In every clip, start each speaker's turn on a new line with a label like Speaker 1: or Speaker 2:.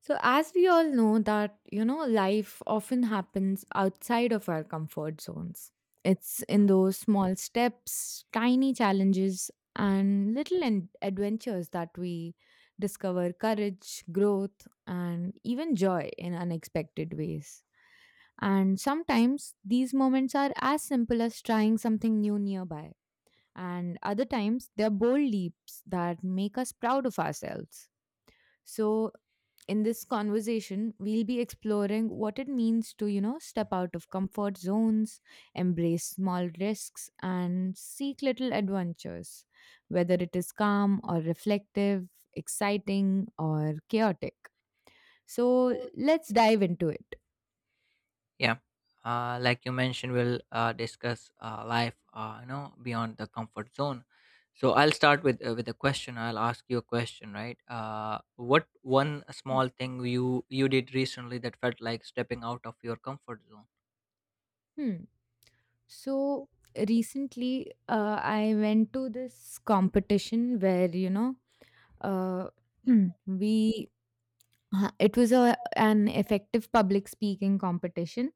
Speaker 1: So, as we all know, that life often happens outside of our comfort zones. It's in
Speaker 2: Mm.
Speaker 1: those small steps, tiny challenges, and adventures that we discover courage, growth, and even joy in unexpected ways. And sometimes these moments are as simple as trying something new nearby, and other times they're bold leaps that make us proud of ourselves. So, in this conversation we'll be exploring what it means to step out of comfort zones, embrace small risks, and seek little adventures, whether it is calm or reflective, exciting or chaotic. So let's dive into it.
Speaker 2: Yeah, like you mentioned, we'll discuss life, beyond the comfort zone. So I'll start with a question. I'll ask you a question, right? What one small thing you did recently that felt like stepping out of your comfort zone?
Speaker 1: Hmm. So recently I went to this competition where uh, we it was a an effective public speaking competition.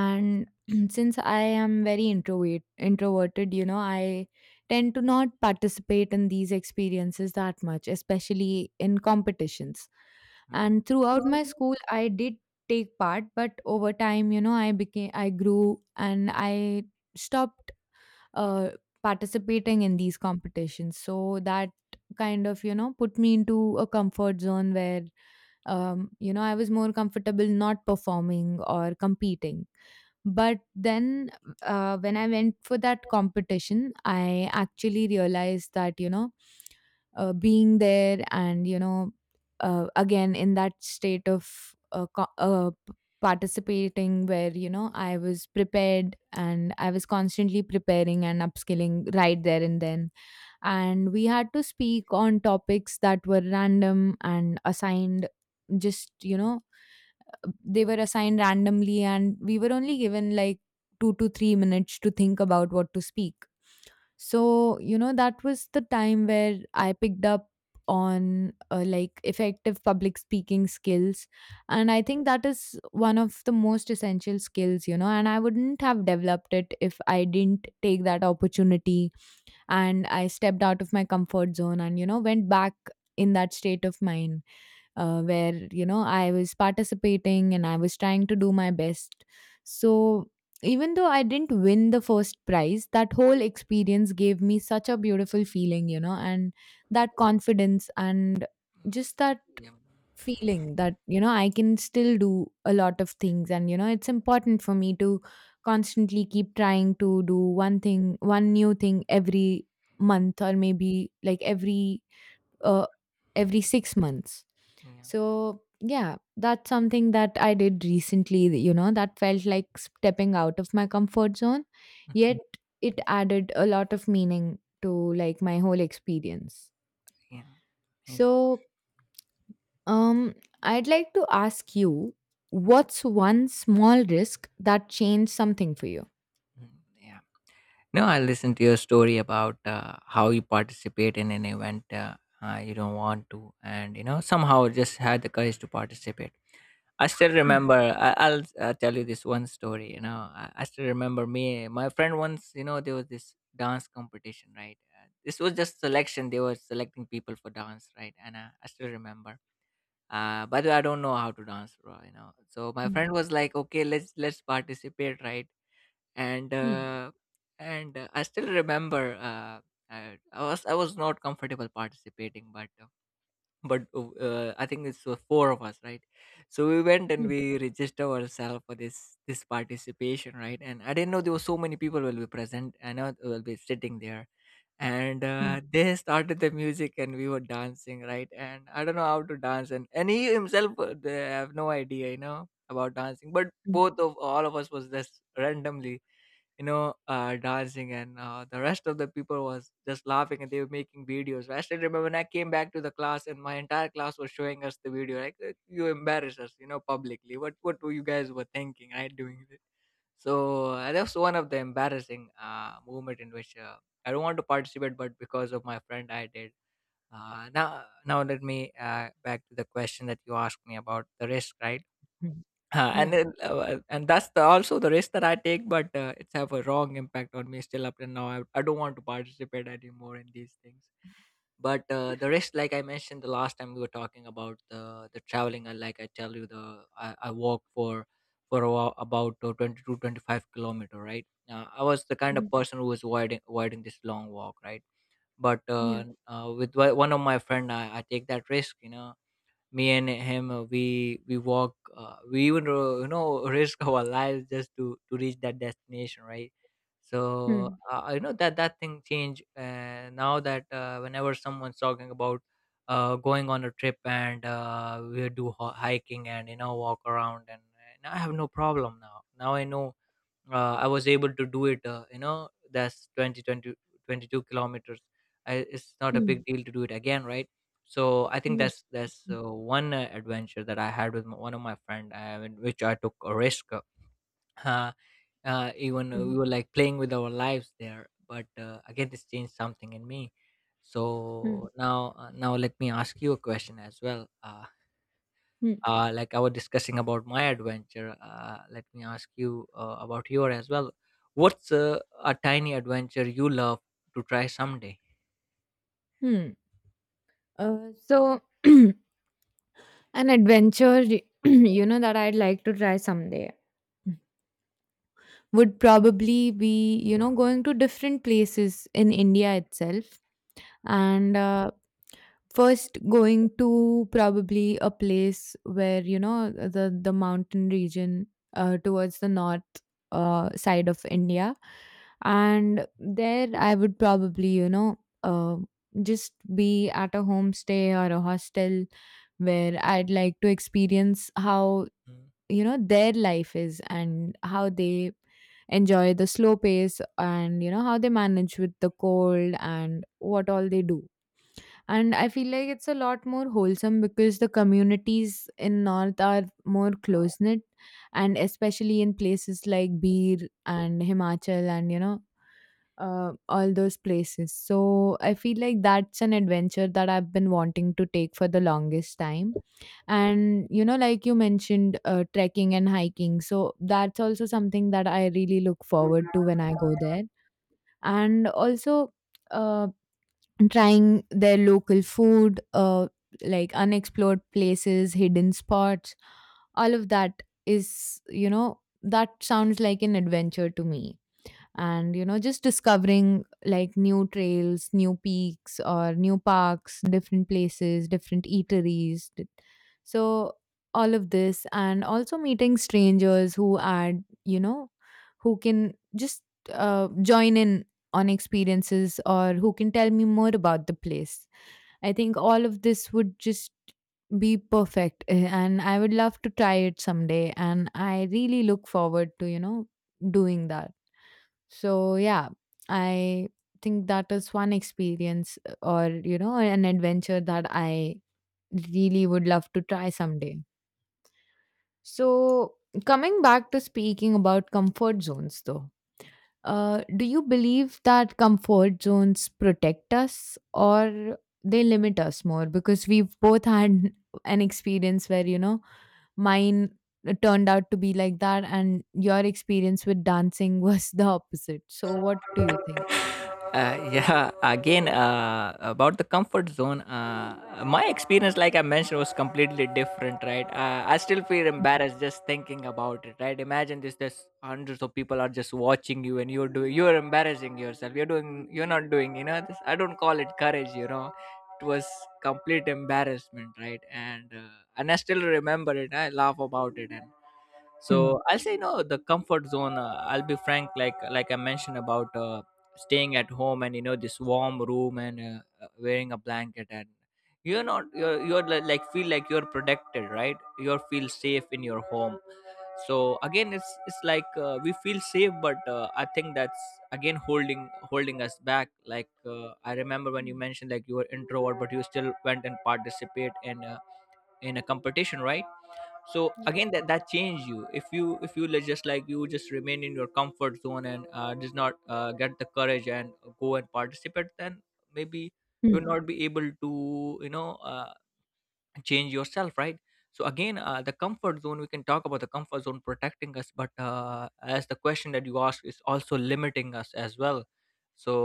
Speaker 1: And since I am very introverted, I tend to not participate in these experiences that much, especially in competitions. And throughout my
Speaker 2: Mm.
Speaker 1: school I did take part, but over time, you know, I grew and I stopped uh, participating in these competitions. So that kind of, you know, put me into a comfort zone where, you know, I was more comfortable not performing or competing. But then when I went for that competition, I actually realized that, you know, being there and, you know, again in that state of participating, where you know I was prepared and I was constantly preparing and upskilling right there and then. And we had to speak on topics that were random and assigned. Just, you know, they were assigned randomly, and we were only given like 2 to 3 minutes to think about what to speak. So, you know, that was the time where I picked up on like effective public speaking skills. And I think that is one of the most essential skills, you know, and I wouldn't have developed it if I didn't take that opportunity and I stepped out of my comfort zone and, you know, went back in that state of mind, where you know I was participating and I was trying to do my best. So even though I didn't win the first prize, that whole experience gave me such a beautiful feeling, you know, and that confidence and just that
Speaker 2: Yeah.
Speaker 1: feeling that you know I can still do a lot of things, and you know it's important for me to constantly keep trying to do one new thing every month or maybe like uh, every 6 months.
Speaker 2: Yeah.
Speaker 1: So, yeah, that's something that I did recently, you know, that felt like stepping out of my comfort zone, yet
Speaker 2: Mhm.
Speaker 1: it added a lot of meaning to like my whole experience.
Speaker 2: Yeah. Amazing.
Speaker 1: So, um I'd like to ask you, what's one small risk that changed something for you?
Speaker 2: Mm, yeah. No, I listened to your story about how you participate in an event, you don't want to, and you know, somehow just had the courage to participate. I still
Speaker 1: Hmm.
Speaker 2: remember. I'll tell you this one story. You know, I still remember. Me, my friend once, you know, there was this dance competition, right? This was just selection. They were selecting people for dance, right? And I still remember. By the way, I don't know how to dance, bro. You know, so my
Speaker 1: Hmm.
Speaker 2: friend was like, "Okay, let's participate, right?" And
Speaker 1: Hmm.
Speaker 2: uh, and I still remember. I was not comfortable participating, but I think it's four of us, right? So we went and
Speaker 1: Hmm.
Speaker 2: we registered ourselves for this participation, right? And I didn't know there were so many people will be present and I will be sitting there. And
Speaker 1: Hmm.
Speaker 2: they started the music and we were dancing, right? And I don't know how to dance. And he himself, they have no idea, you know, about dancing, but
Speaker 1: Hmm.
Speaker 2: both of all of us was just randomly, dancing. And the rest of the people was just laughing and they were making videos. I still remember when I came back to the class and my entire class was showing us the video like, you embarrass us, you know, publicly. What were you guys were thinking, right, doing this?" So that was one of the embarrassing moment in which I don't want to participate, but because of my friend, I did. Now let me back to the question that you asked me about the risk, right?
Speaker 1: Hmm.
Speaker 2: And
Speaker 1: Yeah.
Speaker 2: it, and that's the, also the risk that I take, but it's have a wrong impact on me still up till now. I don't want to participate anymore in these things. But the risk, like I mentioned the last time we were talking about the traveling, and like I tell you, the I walk for about 22, 25-kilometer, right? I was the kind
Speaker 1: Mhm.
Speaker 2: of person who was avoiding this long walk, right? But
Speaker 1: Yeah.
Speaker 2: with one of my friend, I take that risk, you know. Me and him, we walk. We even, you know, risk our lives just to reach that destination, right? So
Speaker 1: Hmm.
Speaker 2: you know, that thing changed. Now that whenever someone's talking about going on a trip and we do hiking and, you know, walk around, and I have no problem now. Now I know I was able to do it. You know, that's 22 kilometers. I, it's not a
Speaker 1: Hmm.
Speaker 2: big deal to do it again, right? So I think
Speaker 1: Yeah.
Speaker 2: that's
Speaker 1: Hmm.
Speaker 2: one adventure that I had with one of my friend, in which I took a risk. Uh, Even
Speaker 1: Hmm.
Speaker 2: we were like playing with our lives there, but again, this changed something in me.
Speaker 1: Hmm.
Speaker 2: So now, now let me ask you a question as well.
Speaker 1: Hmm.
Speaker 2: Like I was discussing about my adventure, let me ask you about your as well. What's a tiny adventure you love to try someday?
Speaker 1: Hmm. So an adventure, you know, that I'd like to try someday would probably be, you know, going to different places in India itself. And first, going to probably a place where, you know, the mountain region towards the north side of India. And there, I would probably, you know, just be at a homestay or a hostel where I'd like to experience how
Speaker 2: Hmm.
Speaker 1: you know their life is and how they enjoy the slow pace, and you know how they manage with the cold and what all they do. And I feel like it's a lot more wholesome because the communities in north are more close knit, and especially in places like Bir and Himachal, and you know, all those places. So I feel like that's an adventure that I've been wanting to take for the longest time. And you know, like you mentioned, trekking and hiking. So that's also something that I really look forward to when I go there. And also, uh, trying their local food, like unexplored places, hidden spots, all of that is, you know, that sounds like an adventure to me. And you know, just discovering like new trails, new peaks, or new parks, different places, different So all of this, and also meeting strangers who add you know, who can just join in on experiences or who can tell me more about the place. I think all of this would just be perfect, and I would love to try it someday, and I really look forward to you know doing that. So yeah, I think that is one experience or you know an adventure that I really would love to try someday. So coming back to speaking about comfort zones though. Do you believe that comfort zones protect us or they limit us more? Because we've both had an experience where, you know, mine turned out to be like that, and your experience with dancing was the opposite. So, what do you think?
Speaker 2: Uh, yeah, again, about the comfort zone, my experience, like I mentioned, was completely different, right? Uh, I still feel embarrassed just thinking about it, right? Imagine this, there's hundreds of people are just watching you and you're doing, you're embarrassing yourself. You're doing, you're not doing, you know, this, I don't call it courage, you know. It was complete embarrassment, right? And I still remember it, I laugh about it. And
Speaker 1: Hmm.
Speaker 2: so I'll say no, the comfort zone, I'll be frank, like I mentioned about staying at home and, you know, this warm room and, wearing a blanket, and you're not you're, you're like, feel like you're protected, right? You feel safe in your home. So again, it's like, we feel safe, but I think that's again holding us back. Like, I remember when you
Speaker 1: Mm,
Speaker 2: mentioned, like, you were introvert, but you still went and participate in a competition, right? So
Speaker 1: yeah.
Speaker 2: again, that change you. If you, if you just, like, you just remain in your comfort zone and does not get the courage and go and participate, then maybe you'll
Speaker 1: Hmm.
Speaker 2: not be able to, change yourself, right? So again, the comfort zone, we can talk about the comfort zone protecting us, but as the question that you asked, is also limiting us as well. So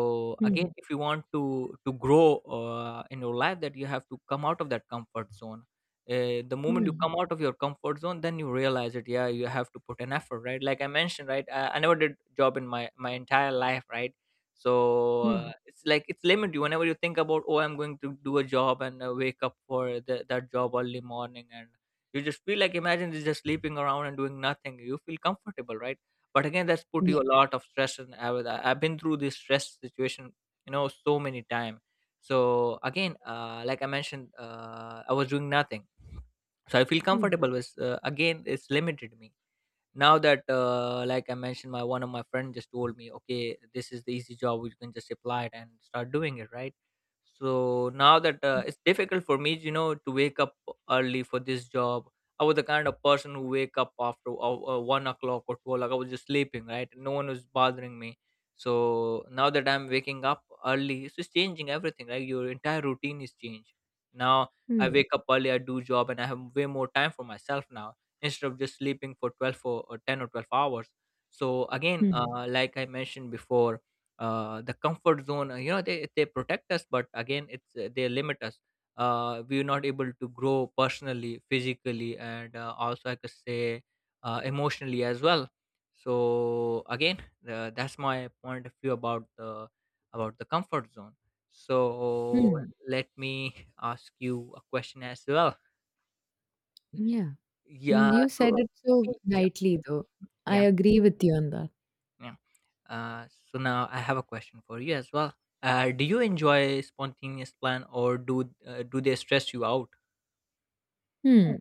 Speaker 2: again,
Speaker 1: Hmm.
Speaker 2: if you want to grow in your life, that you have to come out of that comfort zone. Uh, the moment you
Speaker 1: Hmm.
Speaker 2: come out of your comfort zone, then you realize it, yeah, you have to put an effort, right? Like I mentioned, right, I never did job in my entire life, right? So,
Speaker 1: Hmm.
Speaker 2: it's like it's limited you whenever you think about, "Oh, I'm going to do a job and wake up for that job early morning," and you just feel like, imagine you're just sleeping around and doing nothing. You feel comfortable, right? But again, that's put you
Speaker 1: Yeah.
Speaker 2: a lot of stress, and I've been through this stress situation, you know, so many times. So again, like I mentioned, I was doing nothing, so I feel
Speaker 1: Hmm.
Speaker 2: comfortable with. Again, it's limited me now that, like I mentioned, my one of my friend just told me, "Okay, this is the easy job, we can just apply it and start doing it, right?" So now that
Speaker 1: Mm.
Speaker 2: it's difficult for me, you know, to wake up early for this job. I was the kind of person who wake up after 1 o'clock or 2 o'clock. I was just sleeping, right? No one was bothering me. So now that I'm waking up early, it's just changing everything, right? Your entire routine is changed now. I
Speaker 1: Hmm.
Speaker 2: wake up early, I do job, and I have way more time for myself now, instead of just sleeping for 12 or 10 or 12 hours. So again,
Speaker 1: Hmm.
Speaker 2: like I mentioned before, the comfort zone, you know, they protect us, but again it's, they limit us. Uh, we're not able to grow personally, physically, and also I could say emotionally as well. So again, that's my point of view about the, about the comfort zone. So
Speaker 1: Hmm.
Speaker 2: let me ask you a question as well.
Speaker 1: Yeah. Mm,
Speaker 2: Yeah.
Speaker 1: you said
Speaker 2: So,
Speaker 1: it so
Speaker 2: yeah.
Speaker 1: lightly, though. I
Speaker 2: Yeah.
Speaker 1: agree with you on that.
Speaker 2: Yeah. Uh, so now I have a question for you as well. Do you enjoy spontaneous plan, or do do they stress you out?
Speaker 1: Hmm.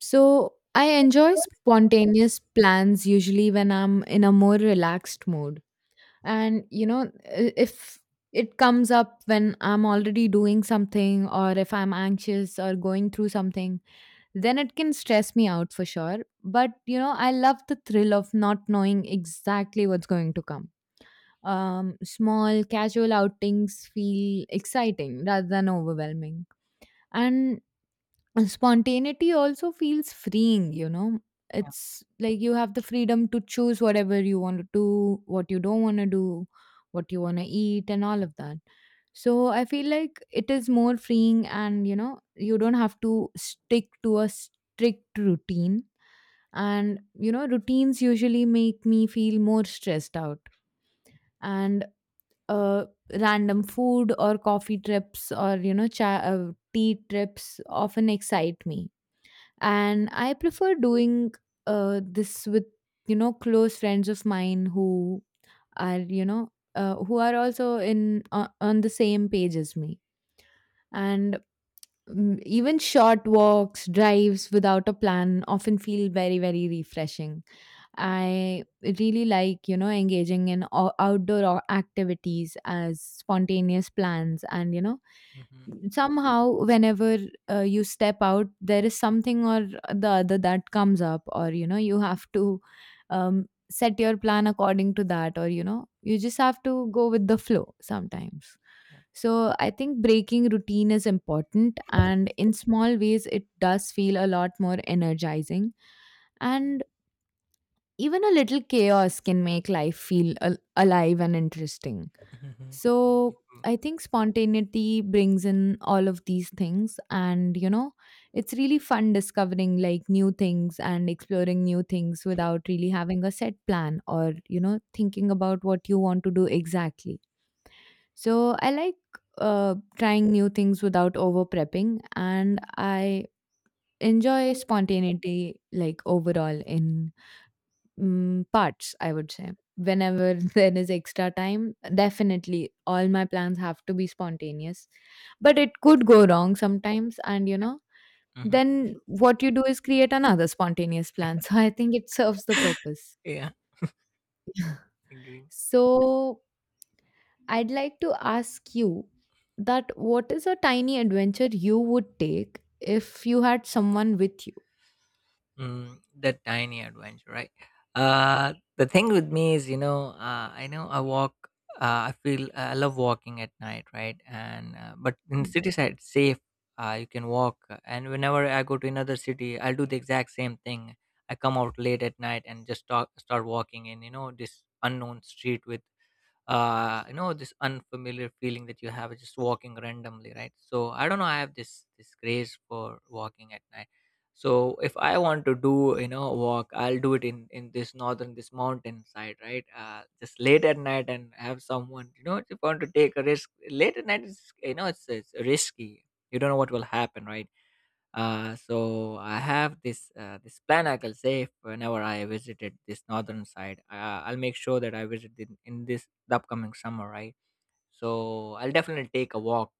Speaker 1: So I enjoy spontaneous plans usually when I'm in a more relaxed mood. And, you know, if it comes up when I'm already doing something or if I'm anxious or going through something, then it can stress me out for sure. But you know, I love the thrill of not knowing exactly what's going to come. Small casual outings feel exciting rather than overwhelming. And and spontaneity also feels freeing, you know.
Speaker 2: Yeah.
Speaker 1: It's like you have the freedom to choose whatever you want to do, what you don't want to do, what you want to eat, and all of that. So I feel like it is more freeing, and you know you don't have to stick to a strict routine. And you know routines usually make me feel more stressed out. And uh random food or coffee trips, or you know tea trips often excite me. And I prefer doing this with you know close friends of mine who are you know who are also in on the same page as me. And even short walks, drives without a plan often feel very very refreshing. I really like you know engaging in outdoor activities as spontaneous plans. And you know
Speaker 2: Mm-hmm.
Speaker 1: somehow whenever you step out, there is something or the other that comes up, or you know you have to set your plan according to that, or you know you just have to go with the flow sometimes.
Speaker 2: Yeah.
Speaker 1: So I think breaking routine is important, and in small ways it does feel a lot more energizing. And even a little chaos can make life feel alive and interesting.
Speaker 2: Mm-hmm.
Speaker 1: So I think spontaneity brings in all of these things. And, you know, it's really fun discovering like new things and exploring new things without really having a set plan or, you know, thinking about what you want to do exactly. So I like trying new things without over prepping. And I enjoy spontaneity like overall in, mm, parts, I would say. Whenever there is extra time, definitely all my plans have to be spontaneous. But it could go wrong sometimes, and you know,
Speaker 2: Mm-hmm.
Speaker 1: then what you do is create another spontaneous plan. So I think it serves the purpose.
Speaker 2: Yeah. Agree.
Speaker 1: So I'd like to ask you that, what is a tiny adventure you would take if you had someone with you?
Speaker 2: Mm, the tiny adventure, right? The thing with me is, you know, I know I walk. I feel, I love walking at night, right? And but in
Speaker 1: Mm.
Speaker 2: city side, it's safe. You can walk, and whenever I go to another city, I'll do the exact same thing. I come out late at night and just start walking in, this unknown street with this unfamiliar feeling that you have just walking randomly, right? So I don't know, I have this grace for walking at night. So if I want to do you know walk, I'll do it in this northern, this mountain side, right? Just late at night, and have someone. If you want to take a risk late at night is, it's risky. You don't know what will happen, right? So I have this plan, I can say. If whenever I visited this northern side, I'll make sure that I visit in this the upcoming summer, right? So I'll definitely take a walk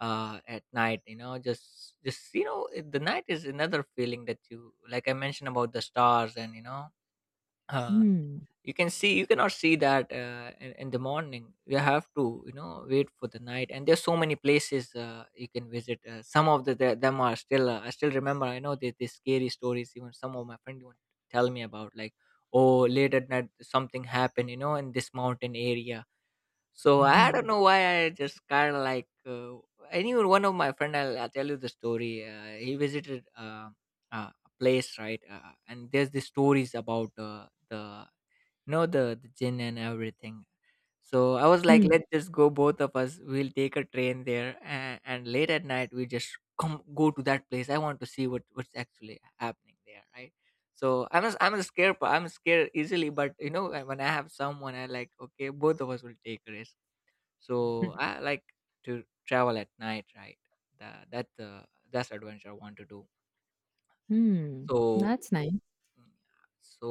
Speaker 2: at night, you know just you know it- the night is another feeling that you, like I mentioned, about the stars. And uh,
Speaker 1: Hmm.
Speaker 2: you cannot see that in the morning. You have to, wait for the night. And there's so many places you can visit. Some of them are still. I still remember, I know these scary stories. Even some of my friends even tell me about, like, oh, late at night something happened, in this mountain area. So I don't
Speaker 1: Hmm.
Speaker 2: know why, I just kind of like, anyone one of my friend. I'll tell you the story. He visited a place, right? And there's the stories about, the you know the gin and everything. So I was like,
Speaker 1: Hmm.
Speaker 2: let's just go, both of us. We'll take a train there, and, late at night we just come go to that place. I want to see what's actually happening there, right? So I'm scared easily, but when I have someone, I like, okay, both of us will take a risk. So I like to travel at night, right? That that's uh, that's adventure I want to do.
Speaker 1: Hmm.
Speaker 2: So
Speaker 1: That's nice.
Speaker 2: mm, so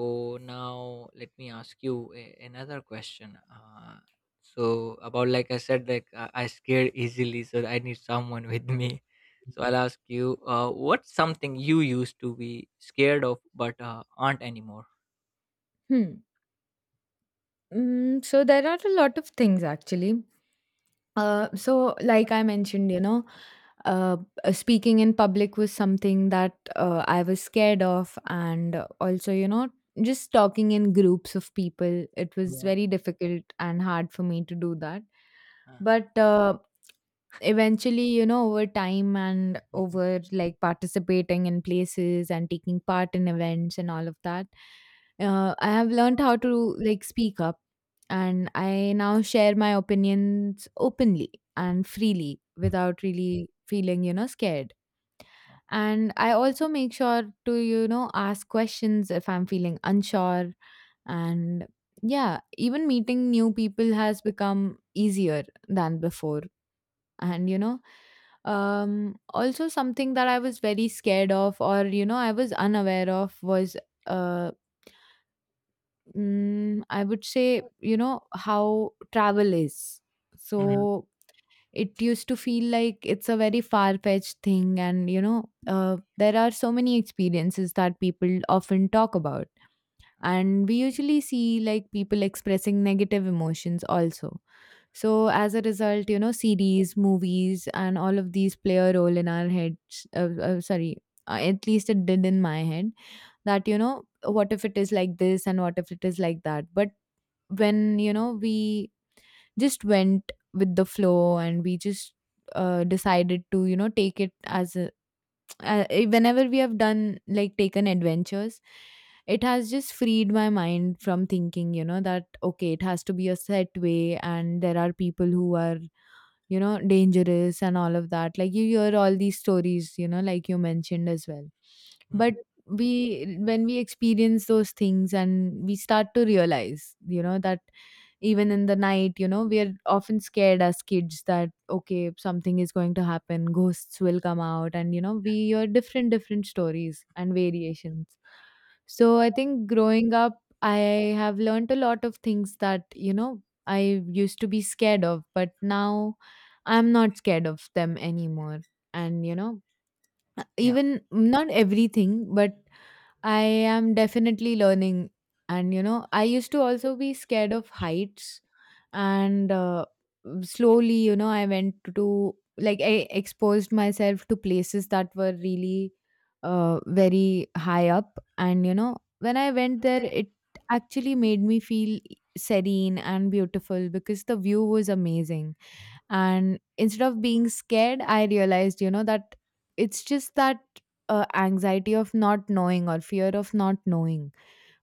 Speaker 2: now let me ask you another question. So about, like I said, like I scared easily, so I need someone with me. So I'll ask you, what's something you used to be scared of but aren't anymore?
Speaker 1: Hmm. Mm, so there are a lot of things actually. So like I mentioned, you know, uh, speaking in public was something that I was scared of, and also, you know, just talking in groups of people, it was
Speaker 2: Yeah.
Speaker 1: very difficult and hard for me to do that.
Speaker 2: uh,
Speaker 1: But eventually you know over time, and
Speaker 2: mhm,
Speaker 1: over like participating in places and taking part in events and all of that, I have learned how to like speak up. And I now share my opinions openly and freely without really feeling you know scared.
Speaker 2: yeah.
Speaker 1: And I also make sure to you know ask questions if I'm feeling unsure. And yeah, even meeting new people has become easier than before. And you know, also something that I was very scared of, or you know I was unaware of, was uh mm, I would say you know how travel is.
Speaker 2: Mhm,
Speaker 1: So it used to feel like it's a very far fetched thing. And you know there are so many experiences that people often talk about, and we usually see like people expressing negative emotions also. So as a result, you know, CDs, movies, and all of these play a role in our heads. Sorry, at least it did in my head. That, you know, what if it is like this, and what if it is like that? But when, you know, we just went with the flow, and we just decided to, you know, take it as a, whenever we have done, like, taken adventures, it has just freed my mind from thinking, you know, that okay, it has to be a set way and there are people who are, you know, dangerous and all of that, like you hear all these stories, you know, like you mentioned as well. But
Speaker 2: mhm,
Speaker 1: we, when we experience those things, and we start to realize, you know, that even in the night, you know, we are often scared as kids that okay, something is going to happen, ghosts will come out, and you know we hear different different stories and variations. So I think growing up, I have learned a lot of things that, you know, I used to be scared of, but now I'm not scared of them anymore. And you know,
Speaker 2: Yeah.
Speaker 1: even not everything, but I am definitely learning. And you know, I used to also be scared of heights. And slowly, you know, I went to, like, I exposed myself to places that were really very high up. And you know, when I went there, it actually made me feel serene and beautiful because the view was amazing. And instead of being scared, I realized, you know, that it's just that anxiety of not knowing or fear of not knowing.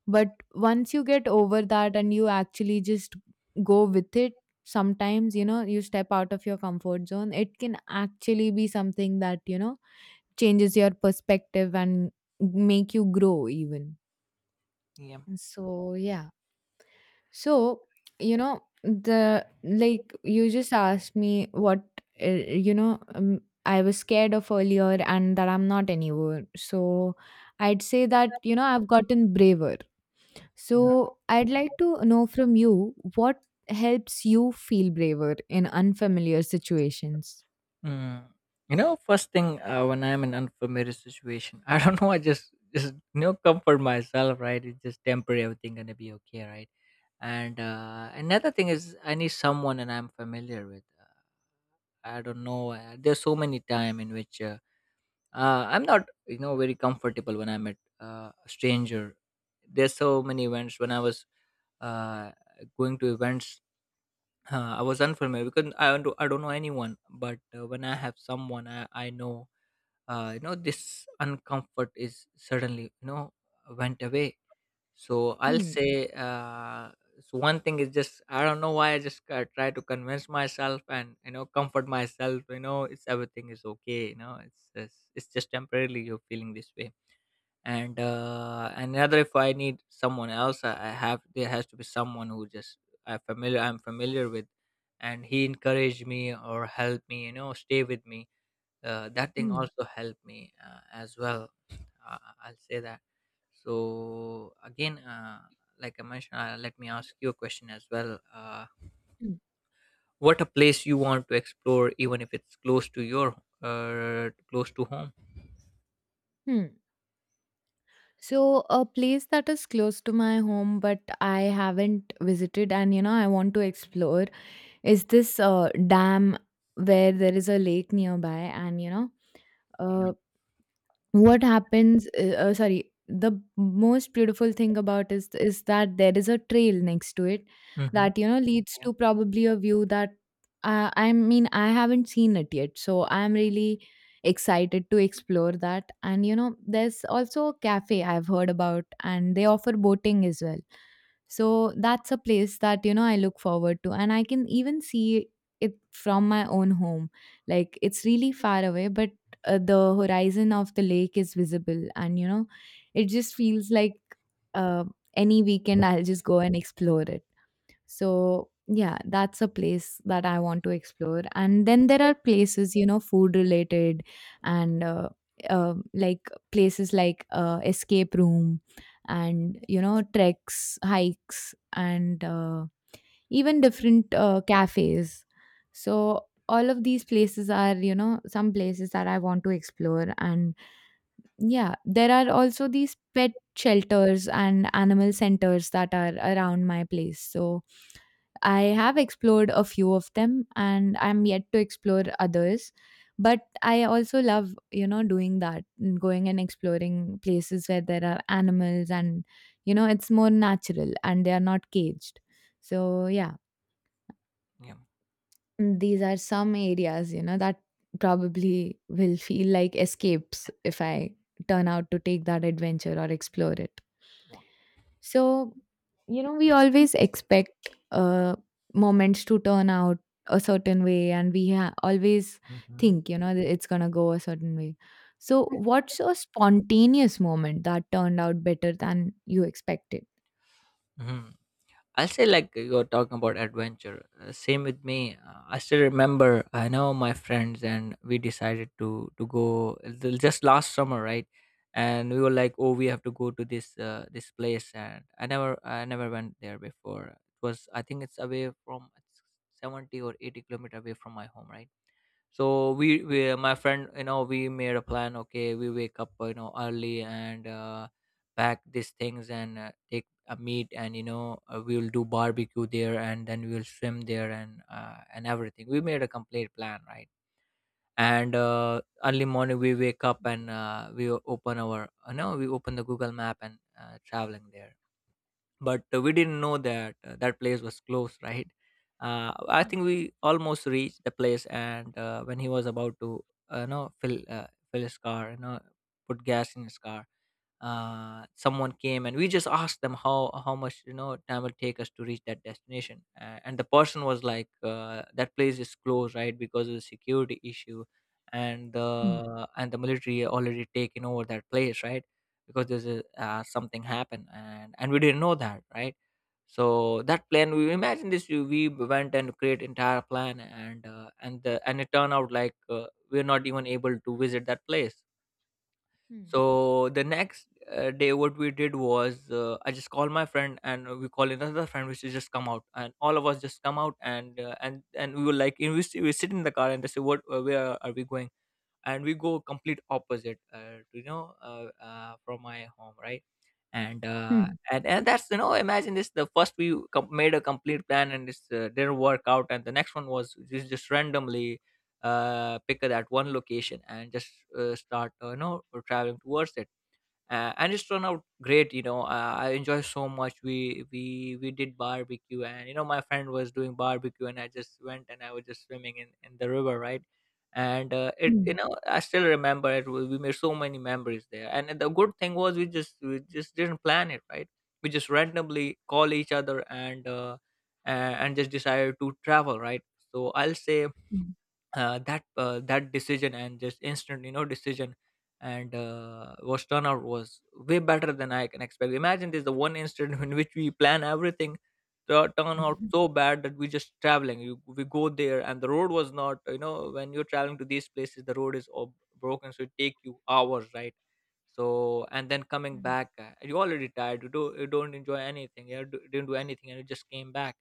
Speaker 1: But once you get over that and you actually just go with it, sometimes, you know, you step out of your comfort zone, it can actually be something that, you know, changes your perspective and make you grow even.
Speaker 2: Yeah.
Speaker 1: So yeah, so, you know, the, like you just asked me what I was scared of earlier and that I'm not anymore. So, I'd say that, you know, I've gotten braver. So, I'd like to know from you what helps you feel braver in unfamiliar situations.
Speaker 2: Mm. You know, first thing when I'm in unfamiliar situation, I don't know. I just comfort myself, right? It's just temporary. Everything gonna be okay, right? And another thing is, I need someone and I'm familiar with. I don't know. There's so many time in which I'm not very comfortable when I'm at a stranger. There's so many events when I was uh, going to events. I was unfamiliar because I don't know anyone, but when I have someone I know. This uncomfort is suddenly, went away. So I'll
Speaker 1: Hmm.
Speaker 2: say, so one thing is just, I don't know why, I just try to convince myself and comfort myself. It's everything is okay, it's just temporarily you're feeling this way. And another, if I need someone else, I have there has to be someone who just I'm familiar with. And he encouraged me or helped me, stay with me. That thing
Speaker 1: Hmm.
Speaker 2: also helped me as well. uh, I'll say that. So again, like I mentioned, let me ask you a question as well.
Speaker 1: Hmm.
Speaker 2: What a place you want to explore, even if it's close to home?
Speaker 1: Hmm. So, a place that is close to my home, but I haven't visited, and you know, I want to explore is this dam where there is a lake nearby. And you know,
Speaker 2: Yeah.
Speaker 1: uh, what happens, sorry, the most beautiful thing about is that there is a trail next to it
Speaker 2: Mm-hmm.
Speaker 1: that, you know, leads
Speaker 2: Yeah,
Speaker 1: to probably a view that, I mean, I haven't seen it yet, so I'm really excited to explore that. And you know, there's also a cafe I've heard about, and they offer boating as well. So that's a place that, you know, I look forward to, and I can even see it from my own home. Like it's really far away, but the horizon of the lake is visible, and you know it just feels like uh, any weekend I'll just go and explore it. So yeah, that's a place that I want to explore. And then there are places, you know, food related, and like places like escape room, and you know, treks, hikes, and even different cafes. So all of these places are, you know, some places that I want to explore. And yeah, there are also these pet shelters and animal centers that are around my place. So I have explored a few of them, and I'm yet to explore others. But I also love, you know, doing that and going and exploring places where there are animals and, you know, it's more natural and they are not caged. So, yeah.
Speaker 2: yeah.
Speaker 1: Mm, these are some areas, you know, that probably will feel like escapes if I turn out to take that adventure or explore it.
Speaker 2: Wow.
Speaker 1: So, you know, we always expect moments to turn out a certain way, and we always
Speaker 2: Mhm.
Speaker 1: think, you know, that it's going to go a certain way. So, what's a spontaneous moment that turned out better than you expected?
Speaker 2: Mhm. I'll say, like you're talking about adventure. Same with me. I still remember, I know my friends, and we decided to go, just last summer, right? And we were like, oh, we have to go to this place, and I never went there before. It was, I think, it's away from, it's 70 or 80 kilometer away from my home, right? So, we my friend, we made a plan. Okay, we wake up, early, and pack these things, and take a meat, and we'll do barbecue there. And then we'll swim there, and, everything, we made a complete plan, right? And early morning we wake up, and we open our, no, we open the Google Map and traveling there. But we didn't know that that place was closed, right? I
Speaker 1: hmm,
Speaker 2: think we almost reached the place, and when he was about to uh, you know fill uh, fill his car, put gas in his car. Someone came, and we just asked them, how much time will take us to reach that destination. And the person was like, that place is closed, right? Because of the security issue, and
Speaker 1: hmm,
Speaker 2: the military already taken over that place, right? Because there's something happened, and we didn't know that, right? So that plan, we imagine this, we went and create entire plan, and the and it turned out like, we're not even able to visit that place.
Speaker 1: Hmm.
Speaker 2: So the next day, what we did was, I just called my friend, and we call another friend, which is just come out, and all of us just come out, and we were like, we sit in the car, and they say, where are we going? And we go complete opposite, from my home, right? And
Speaker 1: hmm,
Speaker 2: that's, imagine this. The first we made a complete plan, and this didn't work out. And the next one was just randomly pick that one location and just start, traveling towards it. And it's turned out great, I enjoy so much. We did barbecue, and, my friend was doing barbecue, and I just went, and I was just swimming in the river, right? And it
Speaker 1: hmm,
Speaker 2: you know I still remember it, we made so many memories there. And the good thing was, we just didn't plan it, right? We just randomly call each other, and and just decided to travel, right? So I'll say,
Speaker 1: hmm,
Speaker 2: that decision, and just instant, decision, and was turnout was way better than I can expect. Imagine this, the one instant in which we plan everything turn out so bad that we just traveling, we go there. And the road was not, when you're traveling to these places the road is all broken, so it take you hours, right? So, and then coming back, you already tired, you don't enjoy anything, didn't do anything, and you just came back.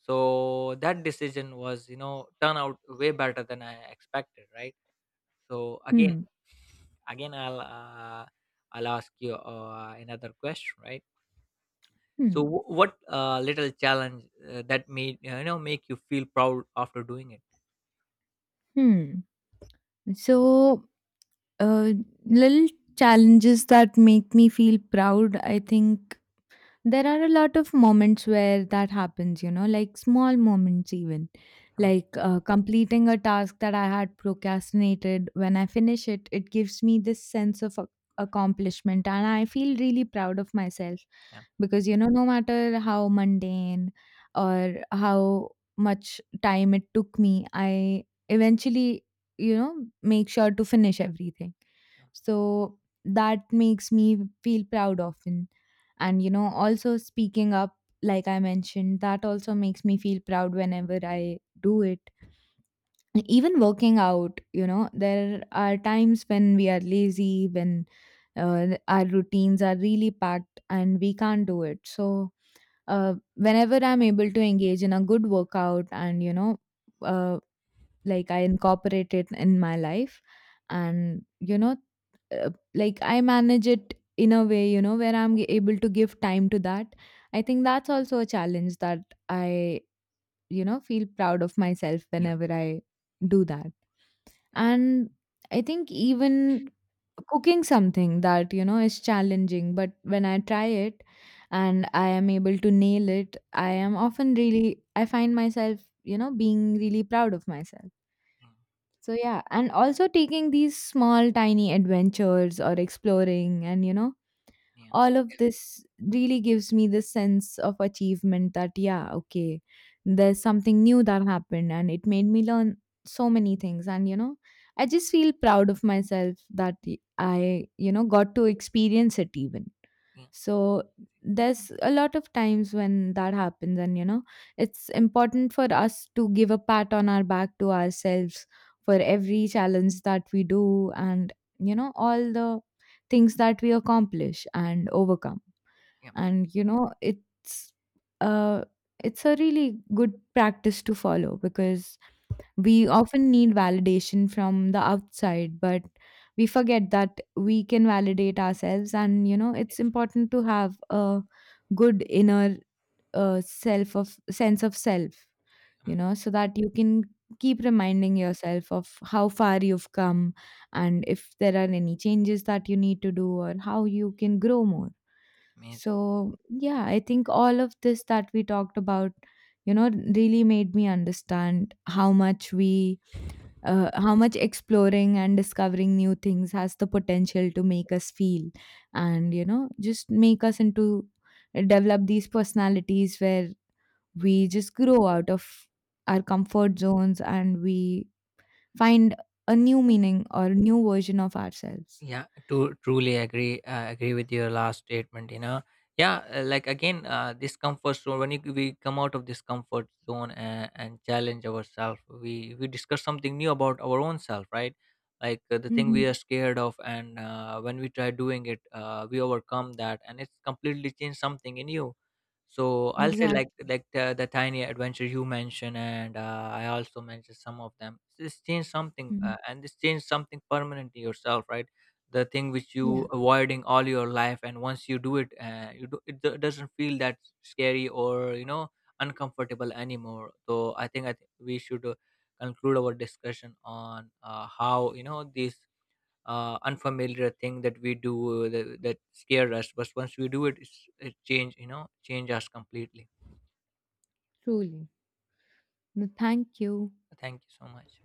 Speaker 2: So that decision was, turn out way better than I expected, right? So again,
Speaker 1: hmm.
Speaker 2: again, I'll uh, I'll ask you another question, right?
Speaker 1: Hm.
Speaker 2: So, what little challenge that made you know make you feel proud after doing it?
Speaker 1: Hmm. So, uh, little challenges that make me feel proud, I think there are a lot of moments where that happens, you know, like small moments even,
Speaker 2: Um,
Speaker 1: like completing a task that I had procrastinated, when I finish it, it gives me this sense of accomplishment, and I feel really proud of myself
Speaker 2: yeah,
Speaker 1: because, you know, no matter how mundane or how much time it took me, I eventually, you know, make sure to finish everything.
Speaker 2: yeah,
Speaker 1: So that makes me feel proud often. And you know, also speaking up, like I mentioned, that also makes me feel proud whenever I do it. Even working out, you know, there are times when we are lazy, when our routines are really packed and we can't do it. So whenever I'm able to engage in a good workout and you know, uh, like I incorporate it in my life, and you know, uh, like I manage it in a way, you know, where I'm able to give time to that. I think that's also a challenge that I, you know, feel proud of myself
Speaker 2: yeah,
Speaker 1: whenever I do that.
Speaker 2: yeah,
Speaker 1: And I think even cooking something that, you know, is challenging, but when I try it and I am able to nail it, I am often really, I find myself, you know, being really proud of myself.
Speaker 2: mm,
Speaker 1: So yeah, and also taking these small tiny adventures or exploring, and you know,
Speaker 2: yeah,
Speaker 1: all of this really gives me this sense of achievement that yeah, okay, there's something new that happened and it made me learn so many things. And you know, I just feel proud of myself that I, you know, got to experience it even. So there's a lot of times when that happens, and you know, it's important for us to give a pat on our back to ourselves for every challenge that we do, and you know, all the things that we accomplish and overcome.
Speaker 2: yeah,
Speaker 1: And you know, uh, it's a really good practice to follow because we often need validation from the outside, but we forget that we can validate ourselves. And, you know, it's important to have a good inner self of sense of self,
Speaker 2: yeah,
Speaker 1: you
Speaker 2: mm,
Speaker 1: know, so that you can keep reminding yourself of how far you've come, and if there are any changes that you need to do or how you can grow more.
Speaker 2: amazing.
Speaker 1: So, yeah, I think all of this that we talked about, you know, really made me understand how much we how much exploring and discovering new things has the potential to make us feel, and you know, just make us into develop these personalities where
Speaker 2: Mm.
Speaker 1: we just grow out of our comfort zones, and we find a new meaning or new version of ourselves.
Speaker 2: Yeah, to truly agree with your last statement. You know, yeah, like, again, this comfort zone. When we come out of this comfort zone, and, challenge ourselves, we discuss something new about our own self, right? Like the thing
Speaker 1: Hmm.
Speaker 2: we are scared of, and when we try doing it, we overcome that, and it's completely changed something in you. So I'll say
Speaker 1: Exactly.
Speaker 2: like the tiny adventure you mentioned, and I also mentioned some of them. This changed something,
Speaker 1: Mhm.
Speaker 2: and this changed something permanent in yourself, right? The thing which
Speaker 1: Yeah,
Speaker 2: you avoiding all your life, and once you do it, doesn't feel that scary, or uncomfortable anymore. So I think we should, conclude our discussion on how this unfamiliar thing that we do, that scare us. But once we do it, it change, change us completely.
Speaker 1: truly. No, thank you.
Speaker 2: Thank you so much.